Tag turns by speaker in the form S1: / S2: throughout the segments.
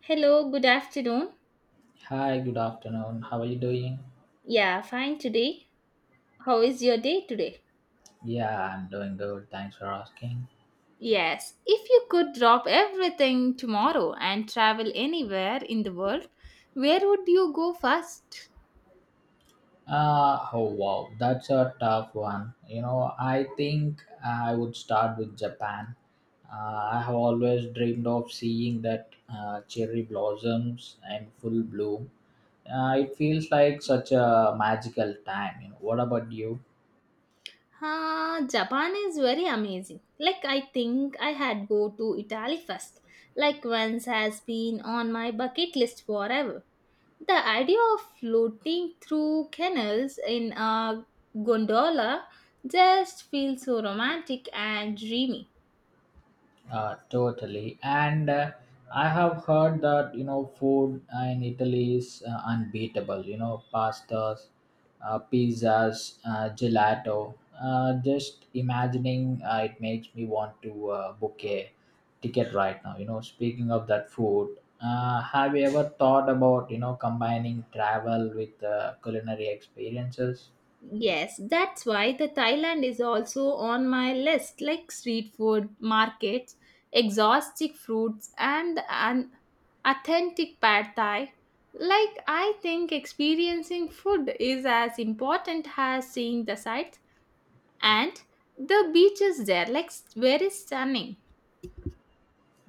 S1: Hello, good afternoon.
S2: Hi, good afternoon. How are you doing?
S1: Yeah, fine today. How is your day today?
S2: Yeah, I'm doing good. Thanks for asking.
S1: Yes, if you could drop everything tomorrow and travel anywhere in the world, where would you go first?
S2: Oh wow, that's a tough one. You know, I think I would start with Japan. I have always dreamed of seeing that cherry blossoms and full bloom. It feels like such a magical time. You know, what about you?
S1: Ah, Japan is very amazing. Like I think I had go to Italy first. Like once has been on my bucket list forever. The idea of floating through canals in a gondola just feels so romantic and dreamy.
S2: Totally. And I have heard that, you know, food in Italy is unbeatable. You know, pastas, pizzas, gelato. Just imagining it makes me want to book a ticket right now. You know, speaking of that food, have you ever thought about, you know, combining travel with culinary experiences?
S1: Yes, that's why the Thailand is also on my list like street food, markets, exotic fruits and an authentic pad thai. Like I think experiencing food is as important as seeing the sights and the beaches there like very stunning.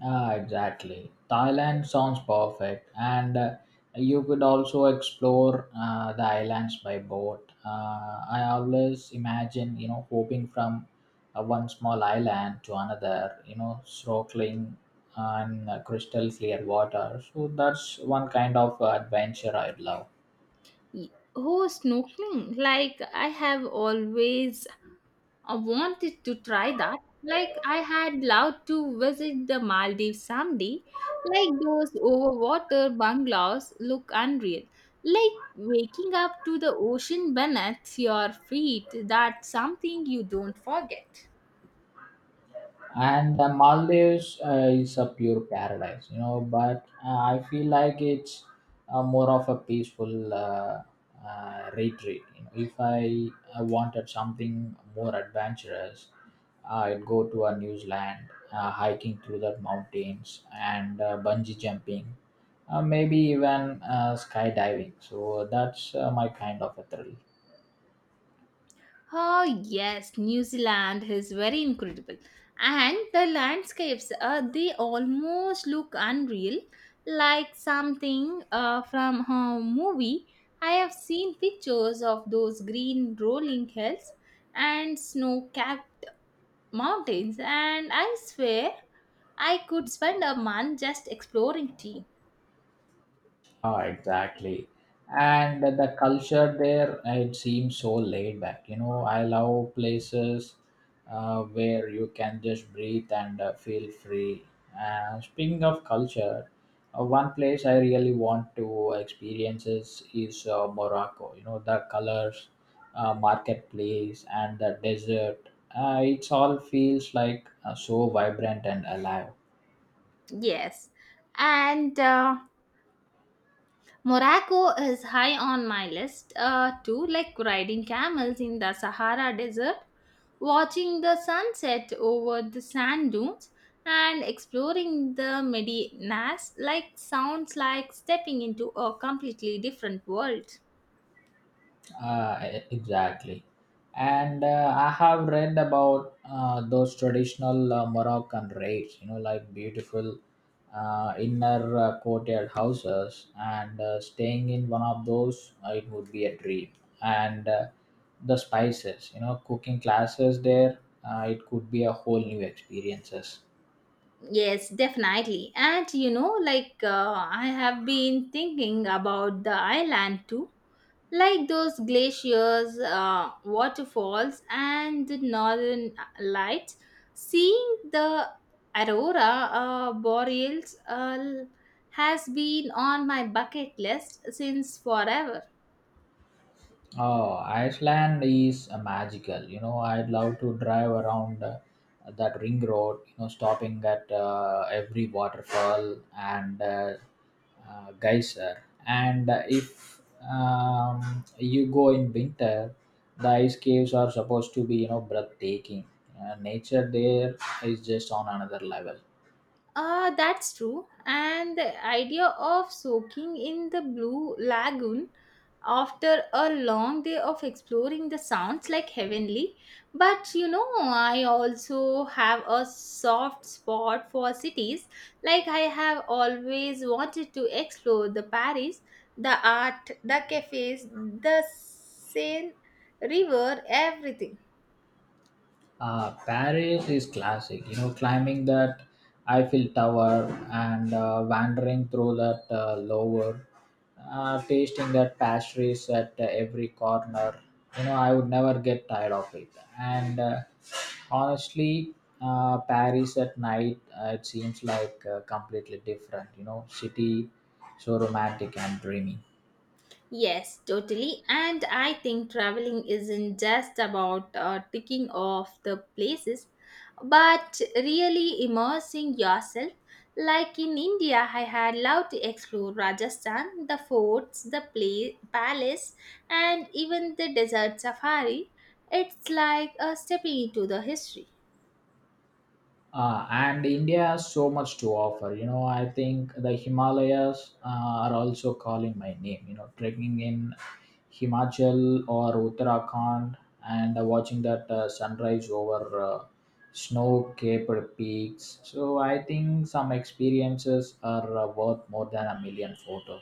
S2: Ah, exactly. Thailand sounds perfect, and you could also explore the islands by boat. I always imagine, you know, hopping from one small island to another, you know, snorkeling on crystal clear water. So that's one kind of adventure I love.
S1: Y- Oh, snorkeling. Like I have always I wanted to try that. Like I had loved to visit the Maldives someday. Like those overwater bungalows look unreal. Like waking up to the ocean beneath your feet. That's something you don't forget.
S2: And the Maldives is a pure paradise, you know. But I feel like it's more of a peaceful retreat. You know, if I wanted something more adventurous, I'd go to a New Zealand, hiking through the mountains and bungee jumping, maybe even skydiving. So that's my kind of a thrill.
S1: Oh, yes, New Zealand is very incredible. And the landscapes, they almost look unreal, like something from a movie. I have seen pictures of those green rolling hills and snow capped mountains, and I swear I could spend a month just exploring tea.
S2: Oh, exactly. And the culture there, it seems so laid back. You know, I love places where you can just breathe and feel free. Speaking of culture, one place I really want to experience is Morocco. You know, the colors, marketplace, and the desert. It all feels like so vibrant and alive.
S1: Yes. And Morocco is high on my list too, like riding camels in the Sahara Desert, watching the sunset over the sand dunes, and exploring the Medinas. Like sounds like stepping into a completely different world.
S2: Exactly. And I have read about those traditional Moroccan raids, you know, like beautiful inner courtyard houses, and staying in one of those, it would be a dream. And the spices, you know, cooking classes there, it could be a whole new experiences.
S1: Yes, definitely. And you know, like I have been thinking about the island too. Like those glaciers, waterfalls, and the northern lights. Seeing the aurora boreals has been on my bucket list since forever.
S2: Oh, Iceland is magical. You know, I'd love to drive around that ring road, you know, stopping at every waterfall and geyser. And if you go in winter, the ice caves are supposed to be, you know, breathtaking. Nature there is just on another level.
S1: That's true. And the idea of soaking in the blue lagoon after a long day of exploring the sounds like heavenly. But you know, I also have a soft spot for cities. Like, I have always wanted to explore the Paris, the art, the cafes, the Seine River, everything.
S2: Paris is classic, you know, climbing that Eiffel Tower and wandering through that Louvre, tasting that pastries at every corner. You know, I would never get tired of it. And honestly, Paris at night, it seems like completely different, you know, city so romantic and dreamy.
S1: Yes, totally. And I think traveling isn't just about ticking off the places, but really immersing yourself. Like in India, I had loved to explore Rajasthan, the forts, the palace, and even the desert safari. It's like a stepping into the history.
S2: And India has so much to offer. You know, I think the Himalayas are also calling my name. You know, trekking in Himachal or Uttarakhand and watching that sunrise over snow-capped peaks. So I think some experiences are worth more than a million photos.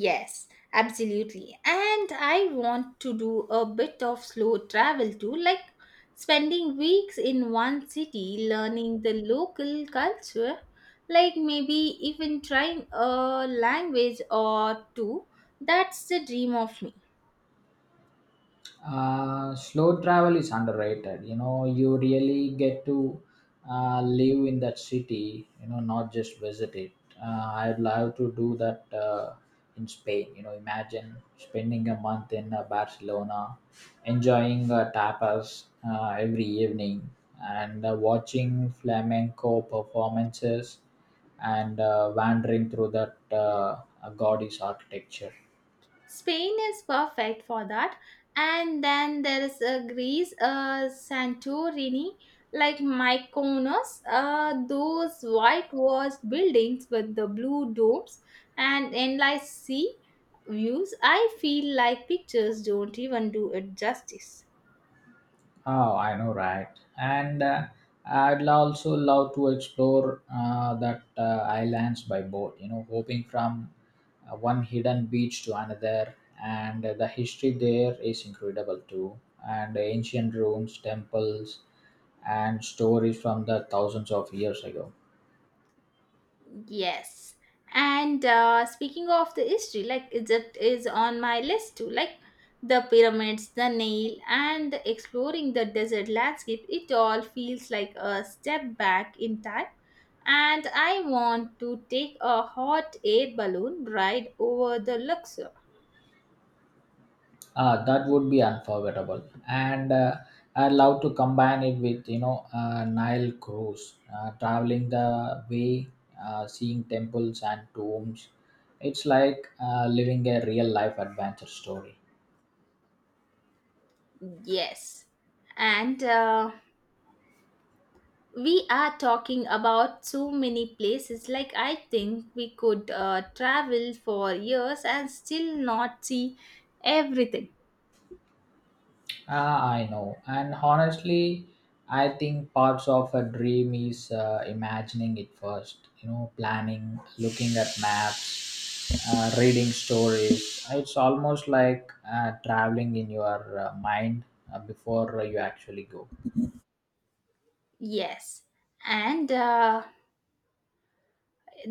S1: Yes, absolutely. And I want to do a bit of slow travel too, like spending weeks in one city learning the local culture, like maybe even trying a language or two. That's the dream of me.
S2: Slow travel is underrated, you know, you really get to live in that city, you know, not just visit it. I'd love to do that in Spain. You know, imagine spending a month in Barcelona, enjoying tapas every evening and watching flamenco performances and wandering through that Gaudi's architecture.
S1: Spain is perfect for that. And then there is Greece, Santorini, like Mykonos, those whitewashed buildings with the blue domes and endless sea views. I feel like pictures don't even do it justice.
S2: Oh, I know, right? And I'd also love to explore that islands by boat. You know, hopping from one hidden beach to another, and the history there is incredible too. And ancient ruins, temples, and stories from the thousands of years ago.
S1: Yes. And speaking of the history, like Egypt is on my list too. Like the pyramids, the Nile, and the exploring the desert landscape, it all feels like a step back in time. And I want to take a hot air balloon ride over the Luxor.
S2: That would be unforgettable, and I love to combine it with, you know, Nile cruise, traveling the way, seeing temples and tombs. It's like living a real life adventure story.
S1: Yes. And we are talking about so many places like I think we could travel for years and still not see everything.
S2: Ah, I know, and honestly, I think parts of a dream is imagining it first. You know, planning, looking at maps, reading stories. It's almost like traveling in your mind before you actually go.
S1: Yes, and uh,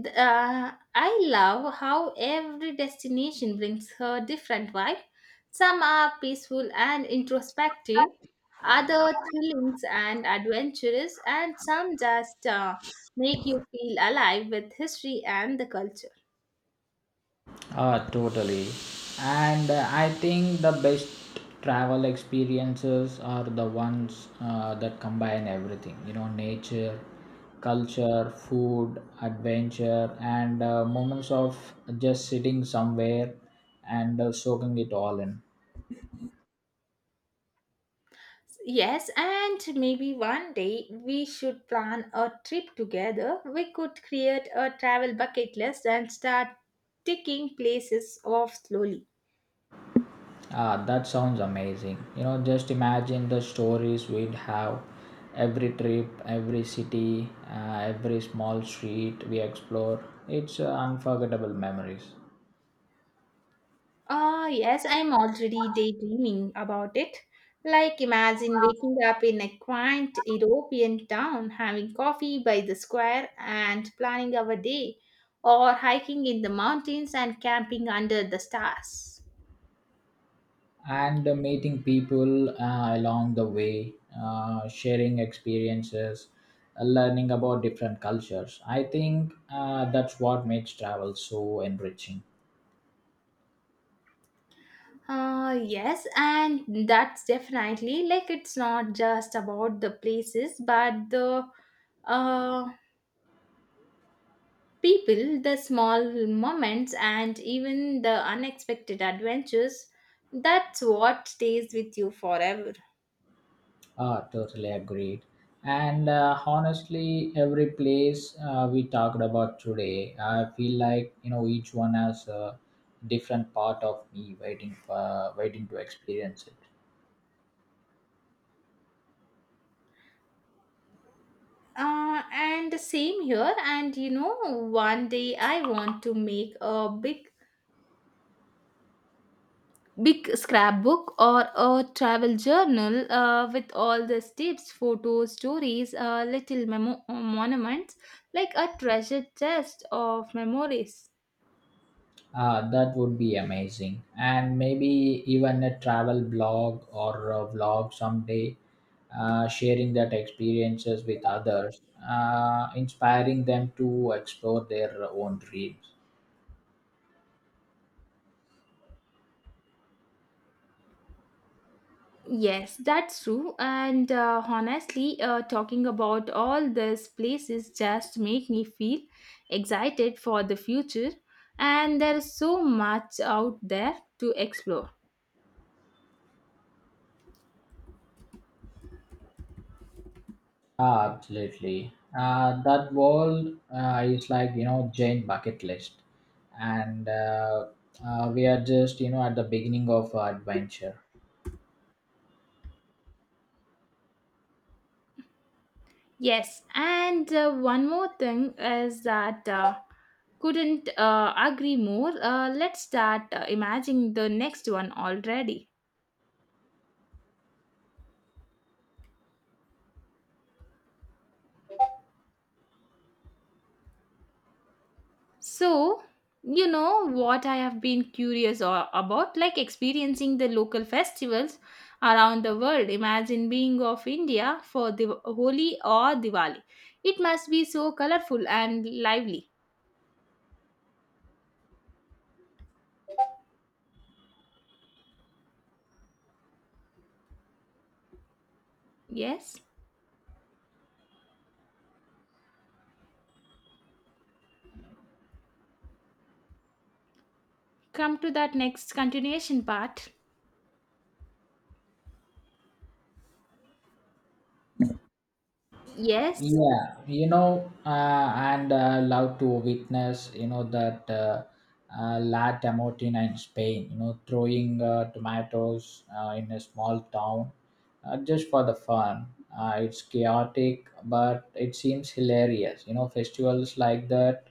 S1: th- uh, I love how every destination brings her different vibe, some are peaceful and introspective, other thrilling and adventurous, and some just make you feel alive with history and the culture.
S2: Totally. And I think the best travel experiences are the ones that combine everything, you know, nature, culture, food, adventure, and moments of just sitting somewhere and soaking it all in.
S1: Yes, and maybe one day we should plan a trip together. We could create a travel bucket list and start ticking places off slowly.
S2: Ah, that sounds amazing. You know, just imagine the stories we'd have every trip, every city, every small street we explore. It's unforgettable memories.
S1: Ah, yes, I'm already daydreaming about it. Like, imagine waking up in a quaint European town, having coffee by the square, and planning our day, or hiking in the mountains and camping under the stars.
S2: And meeting people along the way, sharing experiences, learning about different cultures. I think that's what makes travel so enriching.
S1: Yes, and that's definitely like it's not just about the places, but the uh, people, the small moments, and even the unexpected adventures. That's what stays with you forever.
S2: Ah, totally agreed. And honestly, every place we talked about today, I feel like, you know, each one has a different part of me waiting to experience it.
S1: And the same here. And you know, one day I want to make a big scrapbook or a travel journal with all the tips, photos, stories, little monuments, like a treasure chest of memories.
S2: Ah, that would be amazing, and maybe even a travel blog or a vlog someday, sharing that experiences with others, inspiring them to explore their own dreams.
S1: Yes, that's true. And honestly, talking about all these places just make me feel excited for the future. And there's so much out there to explore.
S2: Ah, absolutely. That world is like, you know, giant bucket list, and we are just, you know, at the beginning of our adventure.
S1: Yes, and one more thing is that couldn't agree more. Let's start imagining the next one already. So, you know what I have been curious about, like experiencing the local festivals around the world. Imagine being of India for the Holi or Diwali. It must be so colorful and lively. Yes, come to that next continuation part. Yes.
S2: Yeah, you know, and love to witness, you know, that la tamotina in Spain. You know, throwing tomatoes in a small town just for the fun. It's chaotic but it seems hilarious. You know, festivals like that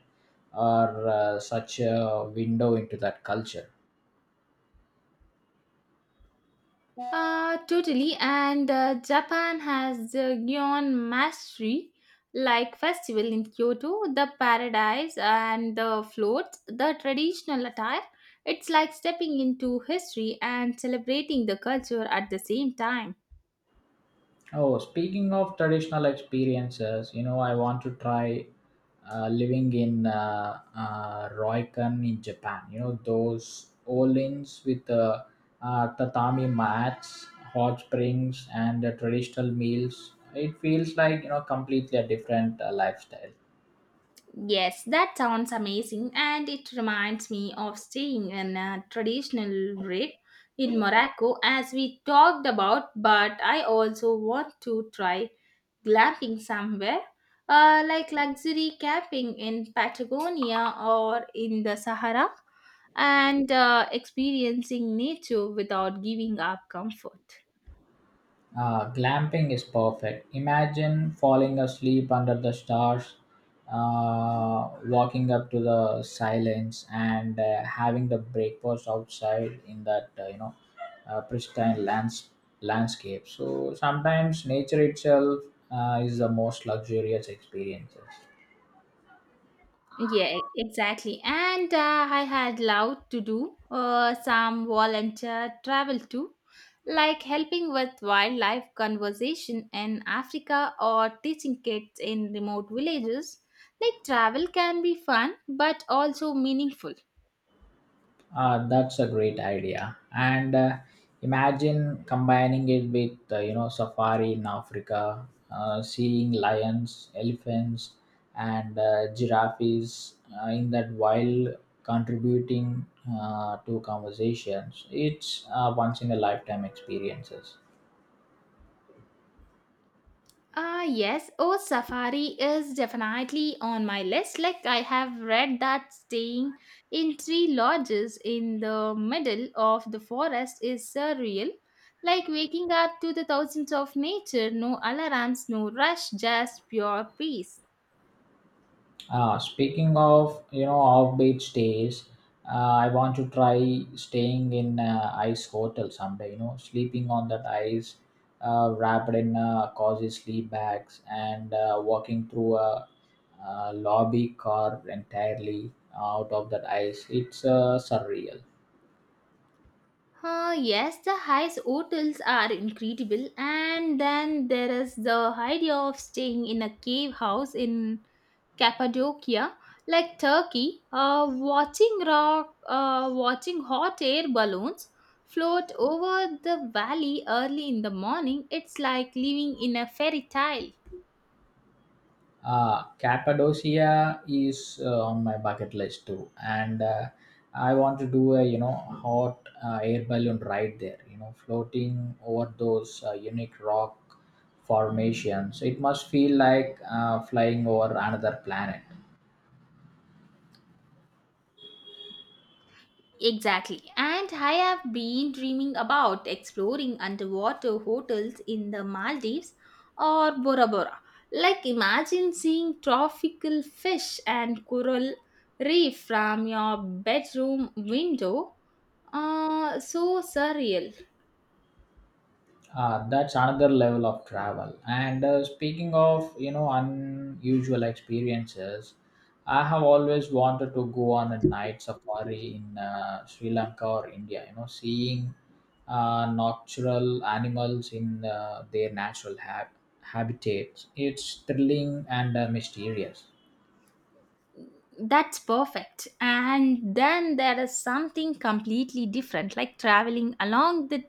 S2: are such a window into that culture.
S1: Totally. And Japan has the Gion Mastery like festival in Kyoto, the paradise and the floats, the traditional attire. It's like stepping into history and celebrating the culture at the same time.
S2: Oh, speaking of traditional experiences, you know, I want to try living in Ryokan in Japan. You know, those old inns with tatami mats, hot springs, and traditional meals. It feels like, you know, completely a different lifestyle.
S1: Yes, that sounds amazing, and it reminds me of staying in a traditional rib in Morocco as we talked about. But I also want to try glamping somewhere, like luxury camping in Patagonia or in the Sahara, and experiencing nature without giving up comfort.
S2: Ah, glamping is perfect. Imagine falling asleep under the stars, walking up to the silence, and having the breakfast outside in that you know pristine landscape. So sometimes nature itself is the most luxurious experiences.
S1: Yeah, exactly. And I had loved to do some volunteer travel too, like helping with wildlife conservation in Africa or teaching kids in remote villages. Like travel can be fun but also meaningful.
S2: That's a great idea. And imagine combining it with, you know, safari in Africa, seeing lions, elephants, and giraffes in that wild, contributing to conversations. It's once in a lifetime experiences.
S1: Ah, yes. Oh, Safari is definitely on my list. Like, I have read that staying in three lodges in the middle of the forest is surreal. Like, waking up to the thousands of nature, no alarms, no rush, just pure peace.
S2: Speaking of, you know, offbeat stays, I want to try staying in ice hotel someday. You know, sleeping on that ice, wrapped in cozy sleep bags, and walking through a, lobby car entirely out of that ice. It's surreal.
S1: Yes, the highest hotels are incredible, and then there is the idea of staying in a cave house in Cappadocia, like Turkey, watching hot air balloons float over the valley early in the morning. It's like living in a fairy tale.
S2: Cappadocia is on my bucket list too, and I want to do a, you know, hot air balloon ride there. You know, floating over those unique rock formations. It must feel like flying over another planet.
S1: Exactly. And I have been dreaming about exploring underwater hotels in the Maldives or Bora Bora. Like imagine seeing tropical fish and coral reef from your bedroom window. So surreal.
S2: Ah, that's another level of travel. And speaking of, you know, unusual experiences, I have always wanted to go on a night safari in Sri Lanka or India. You know, seeing natural animals in their natural habitats. It's thrilling and mysterious.
S1: That's perfect. And then there is something completely different, like traveling along the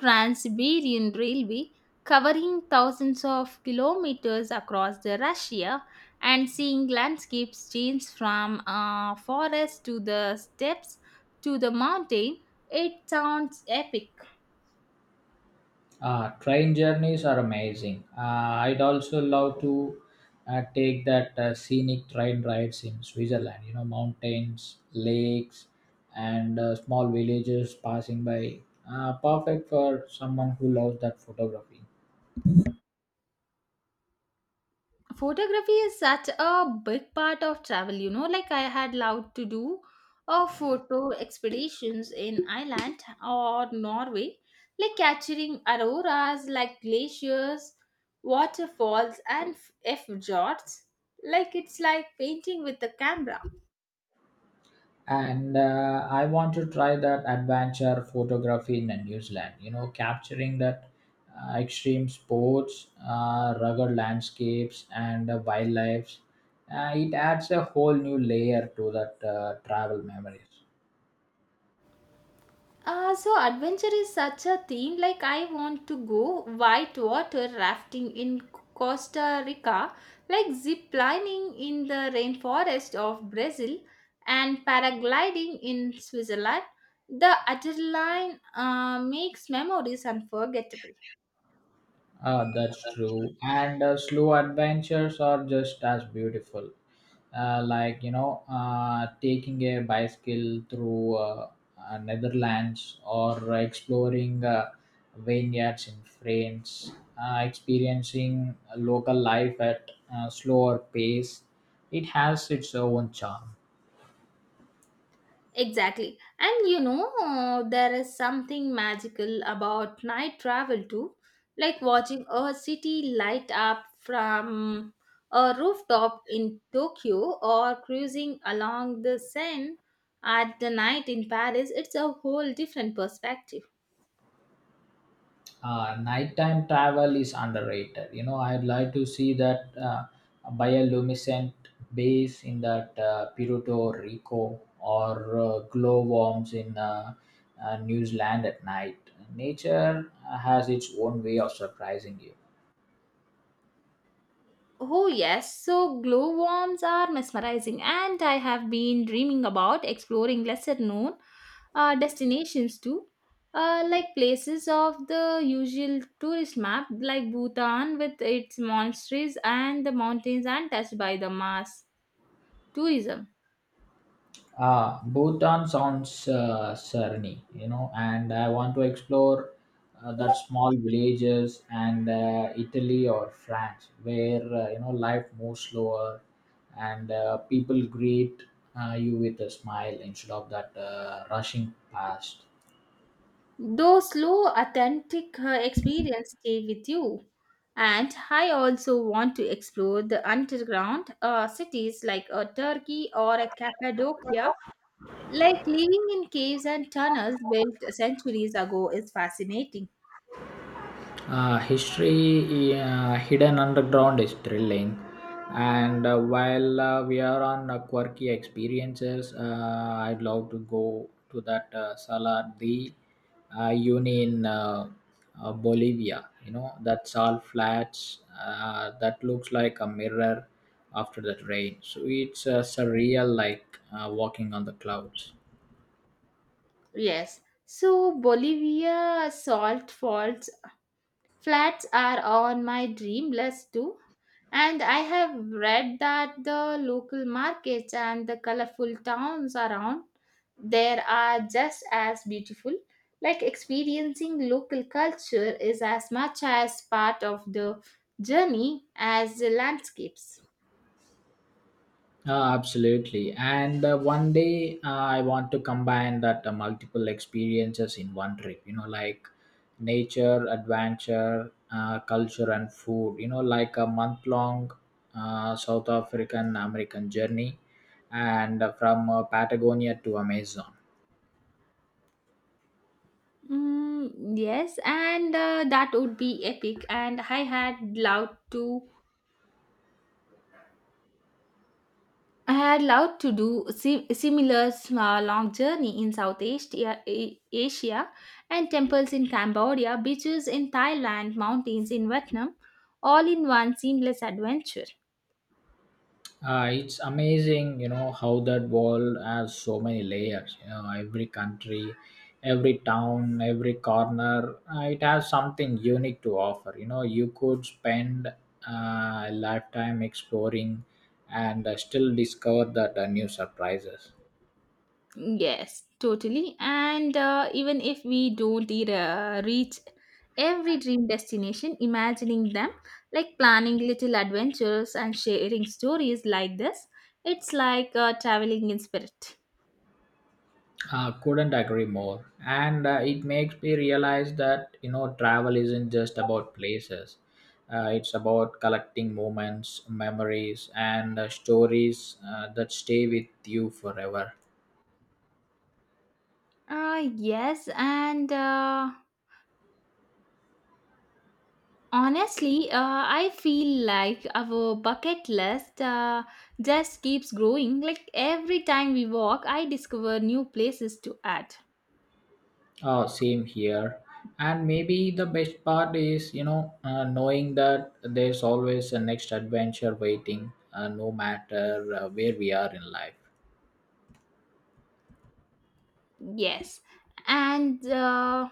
S1: Trans-Siberian Railway, covering thousands of kilometers across the Russia and seeing landscapes change from forest to the steppes to the mountain, it sounds epic.
S2: Ah, train journeys are amazing. I'd also love to take that scenic train rides in Switzerland. You know, mountains, lakes, and small villages passing by. Perfect for someone who loves that photography.
S1: Photography is such a big part of travel, you know, like I had loved to do a photo expeditions in Ireland or Norway, like capturing auroras, like glaciers, waterfalls, and f fjords, like it's like painting with the camera.
S2: And I want to try that adventure photography in New Zealand. You know, capturing that extreme sports, rugged landscapes, and wildlife. It adds a whole new layer to that travel memories.
S1: So adventure is such a theme. Like I want to go whitewater rafting in Costa Rica, like zip lining in the rainforest of Brazil, and paragliding in Switzerland. The adrenaline makes memories unforgettable.
S2: Ah, that's true. And slow adventures are just as beautiful. Like, you know, taking a bicycle through Netherlands or exploring vineyards in France, experiencing local life at a slower pace, it has its own charm.
S1: Exactly. And you know, there is something magical about night travel too, like watching a city light up from a rooftop in Tokyo or cruising along the Seine at the night in Paris. It's a whole different perspective.
S2: Nighttime travel is underrated. You know, I'd like to see that bioluminescent base in that Puerto Rico or glowworms in New Zealand at night. Nature has its own way of surprising you.
S1: Oh, yes. So, glowworms are mesmerizing, and I have been dreaming about exploring lesser known destinations too, like places of the usual tourist map, like Bhutan with its monasteries and the mountains, and touched by the mass tourism.
S2: Ah, Bhutan sounds serene, you know, and I want to explore that small villages and Italy or France where you know life moves slower and people greet you with a smile instead of that rushing past.
S1: Though slow, authentic experience stay with you. And I also want to explore the underground cities like Turkey or a Cappadocia. Like living in caves and tunnels built centuries ago is fascinating.
S2: History hidden underground is thrilling, and while we are on quirky experiences, I'd love to go to that Salar de Uni in Bolivia. You know that sal flats that looks like a mirror after that rain. So it's surreal, like walking on the clouds.
S1: Yes. So Bolivia salt faults flats are on my dream list too. And I have read that the local markets and the colorful towns around there are just as beautiful. Like experiencing local culture is as much as part of the journey as the landscapes.
S2: Absolutely. And one day I want to combine that multiple experiences in one trip, you know, like nature, adventure, culture, and food, you know, like a month long South African American journey and from Patagonia to Amazon.
S1: Mm, yes, and that would be epic. And I had loved to do similar small long journey in Southeast Asia and temples in Cambodia, beaches in Thailand, mountains in Vietnam, all in one seamless adventure.
S2: It's amazing, you know, how that world has so many layers. You know, every country, every town, every corner, it has something unique to offer. You know, you could spend a lifetime exploring and still discover that new surprises.
S1: Yes, totally. And even if we don't reach every dream destination, imagining them like planning little adventures and sharing stories like this, it's like traveling in spirit.
S2: Couldn't agree more. And it makes me realize that, you know, travel isn't just about places. It's about collecting moments, memories, and stories that stay with you forever.
S1: Yes, and. Honestly, I feel like our bucket list just keeps growing. Like every time we walk, I discover new places to add.
S2: Oh, same here. And maybe the best part is, you know, knowing that there's always a next adventure waiting, no matter where we are in life.
S1: Yes. And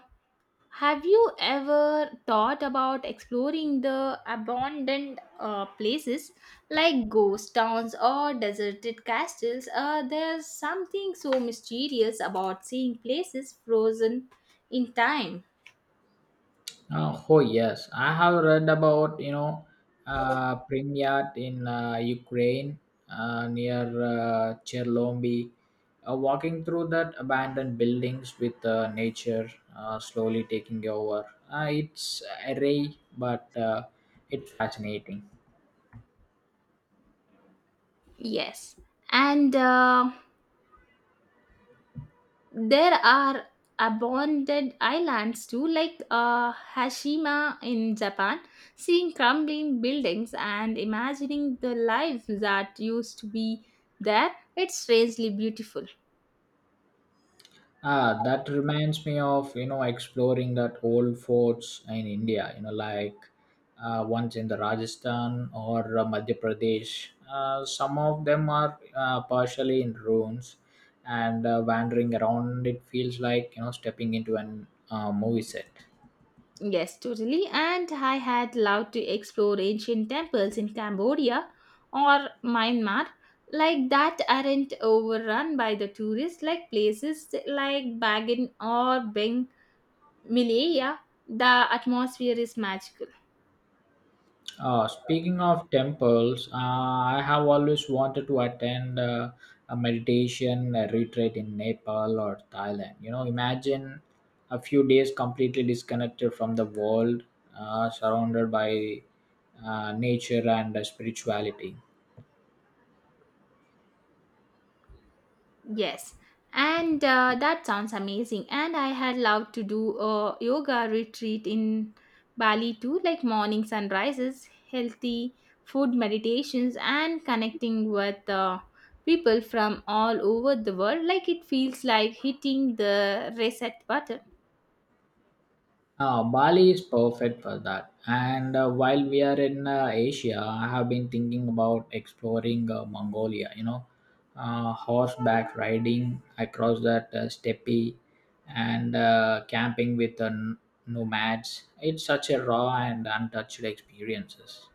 S1: have you ever thought about exploring the abandoned places like ghost towns or deserted castles? There's something so mysterious about seeing places frozen in time.
S2: Oh yes, I have read about, you know, Pripyat in Ukraine near Chernobyl. Walking through that abandoned buildings with nature slowly taking over. It's array, but it's fascinating.
S1: Yes, and there are abandoned islands too, like Hashima in Japan, seeing crumbling buildings and imagining the life that used to be there. It's strangely beautiful.
S2: Ah, that reminds me of, you know, exploring that old forts in India. You know, like ones in the Rajasthan or Madhya Pradesh. Some of them are partially in ruins, and wandering around it feels like, you know, stepping into an movie set.
S1: Yes, totally. And I had loved to explore ancient temples in Cambodia or Myanmar, like that aren't overrun by the tourists, like places like Bagan or Beng Milaya, the atmosphere is magical.
S2: Speaking of temples, I have always wanted to attend a meditation retreat in Nepal or Thailand. You know, imagine a few days completely disconnected from the world, surrounded by nature and spirituality.
S1: Yes, and that sounds amazing. And I had loved to do a yoga retreat in Bali too, like morning sunrises, healthy food meditations, and connecting with people from all over the world. Like it feels like hitting the reset button.
S2: Bali is perfect for that. And while we are in Asia, I have been thinking about exploring Mongolia, you know, horseback riding across that steppe and camping with nomads. It's such a raw and untouched experiences.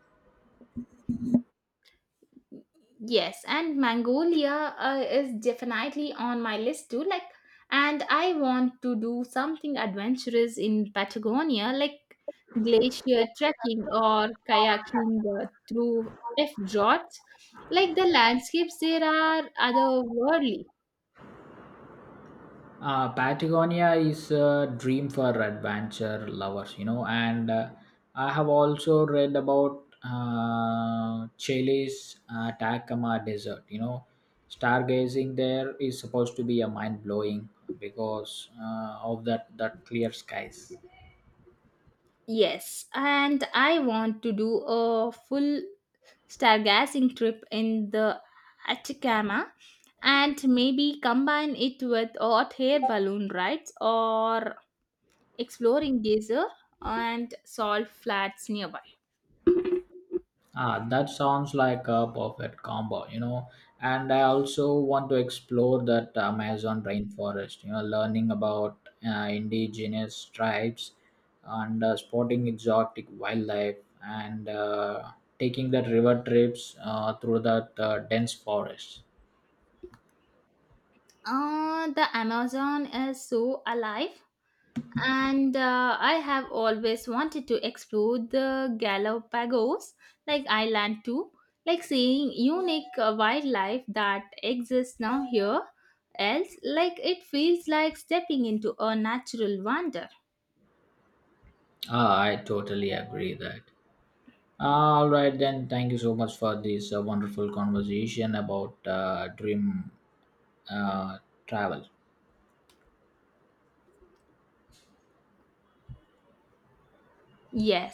S1: Yes, and Mongolia is definitely on my list too. Like, and I want to do something adventurous in Patagonia, like glacier trekking or kayaking through F-Jorts. Like, the landscapes there are otherworldly.
S2: Patagonia is a dream for adventure lovers, you know, and I have also read about Chile's Atacama Desert. You know, stargazing there is supposed to be a mind blowing because of that clear skies.
S1: Yes, and I want to do a full stargazing trip in the Atacama and maybe combine it with hot air balloon rides or exploring geyser and salt flats nearby.
S2: Ah, that sounds like a perfect combo, you know. And I also want to explore that Amazon rainforest, you know, learning about indigenous tribes and spotting exotic wildlife and taking that river trips through that dense forest.
S1: The Amazon is so alive and I have always wanted to explore the Galapagos like island too, like seeing unique wildlife that exists now here else, like it feels like stepping into a natural wonder.
S2: Ah, I totally agree that. All right, then. Thank you so much for this wonderful conversation about dream uh, travel.
S1: Yes.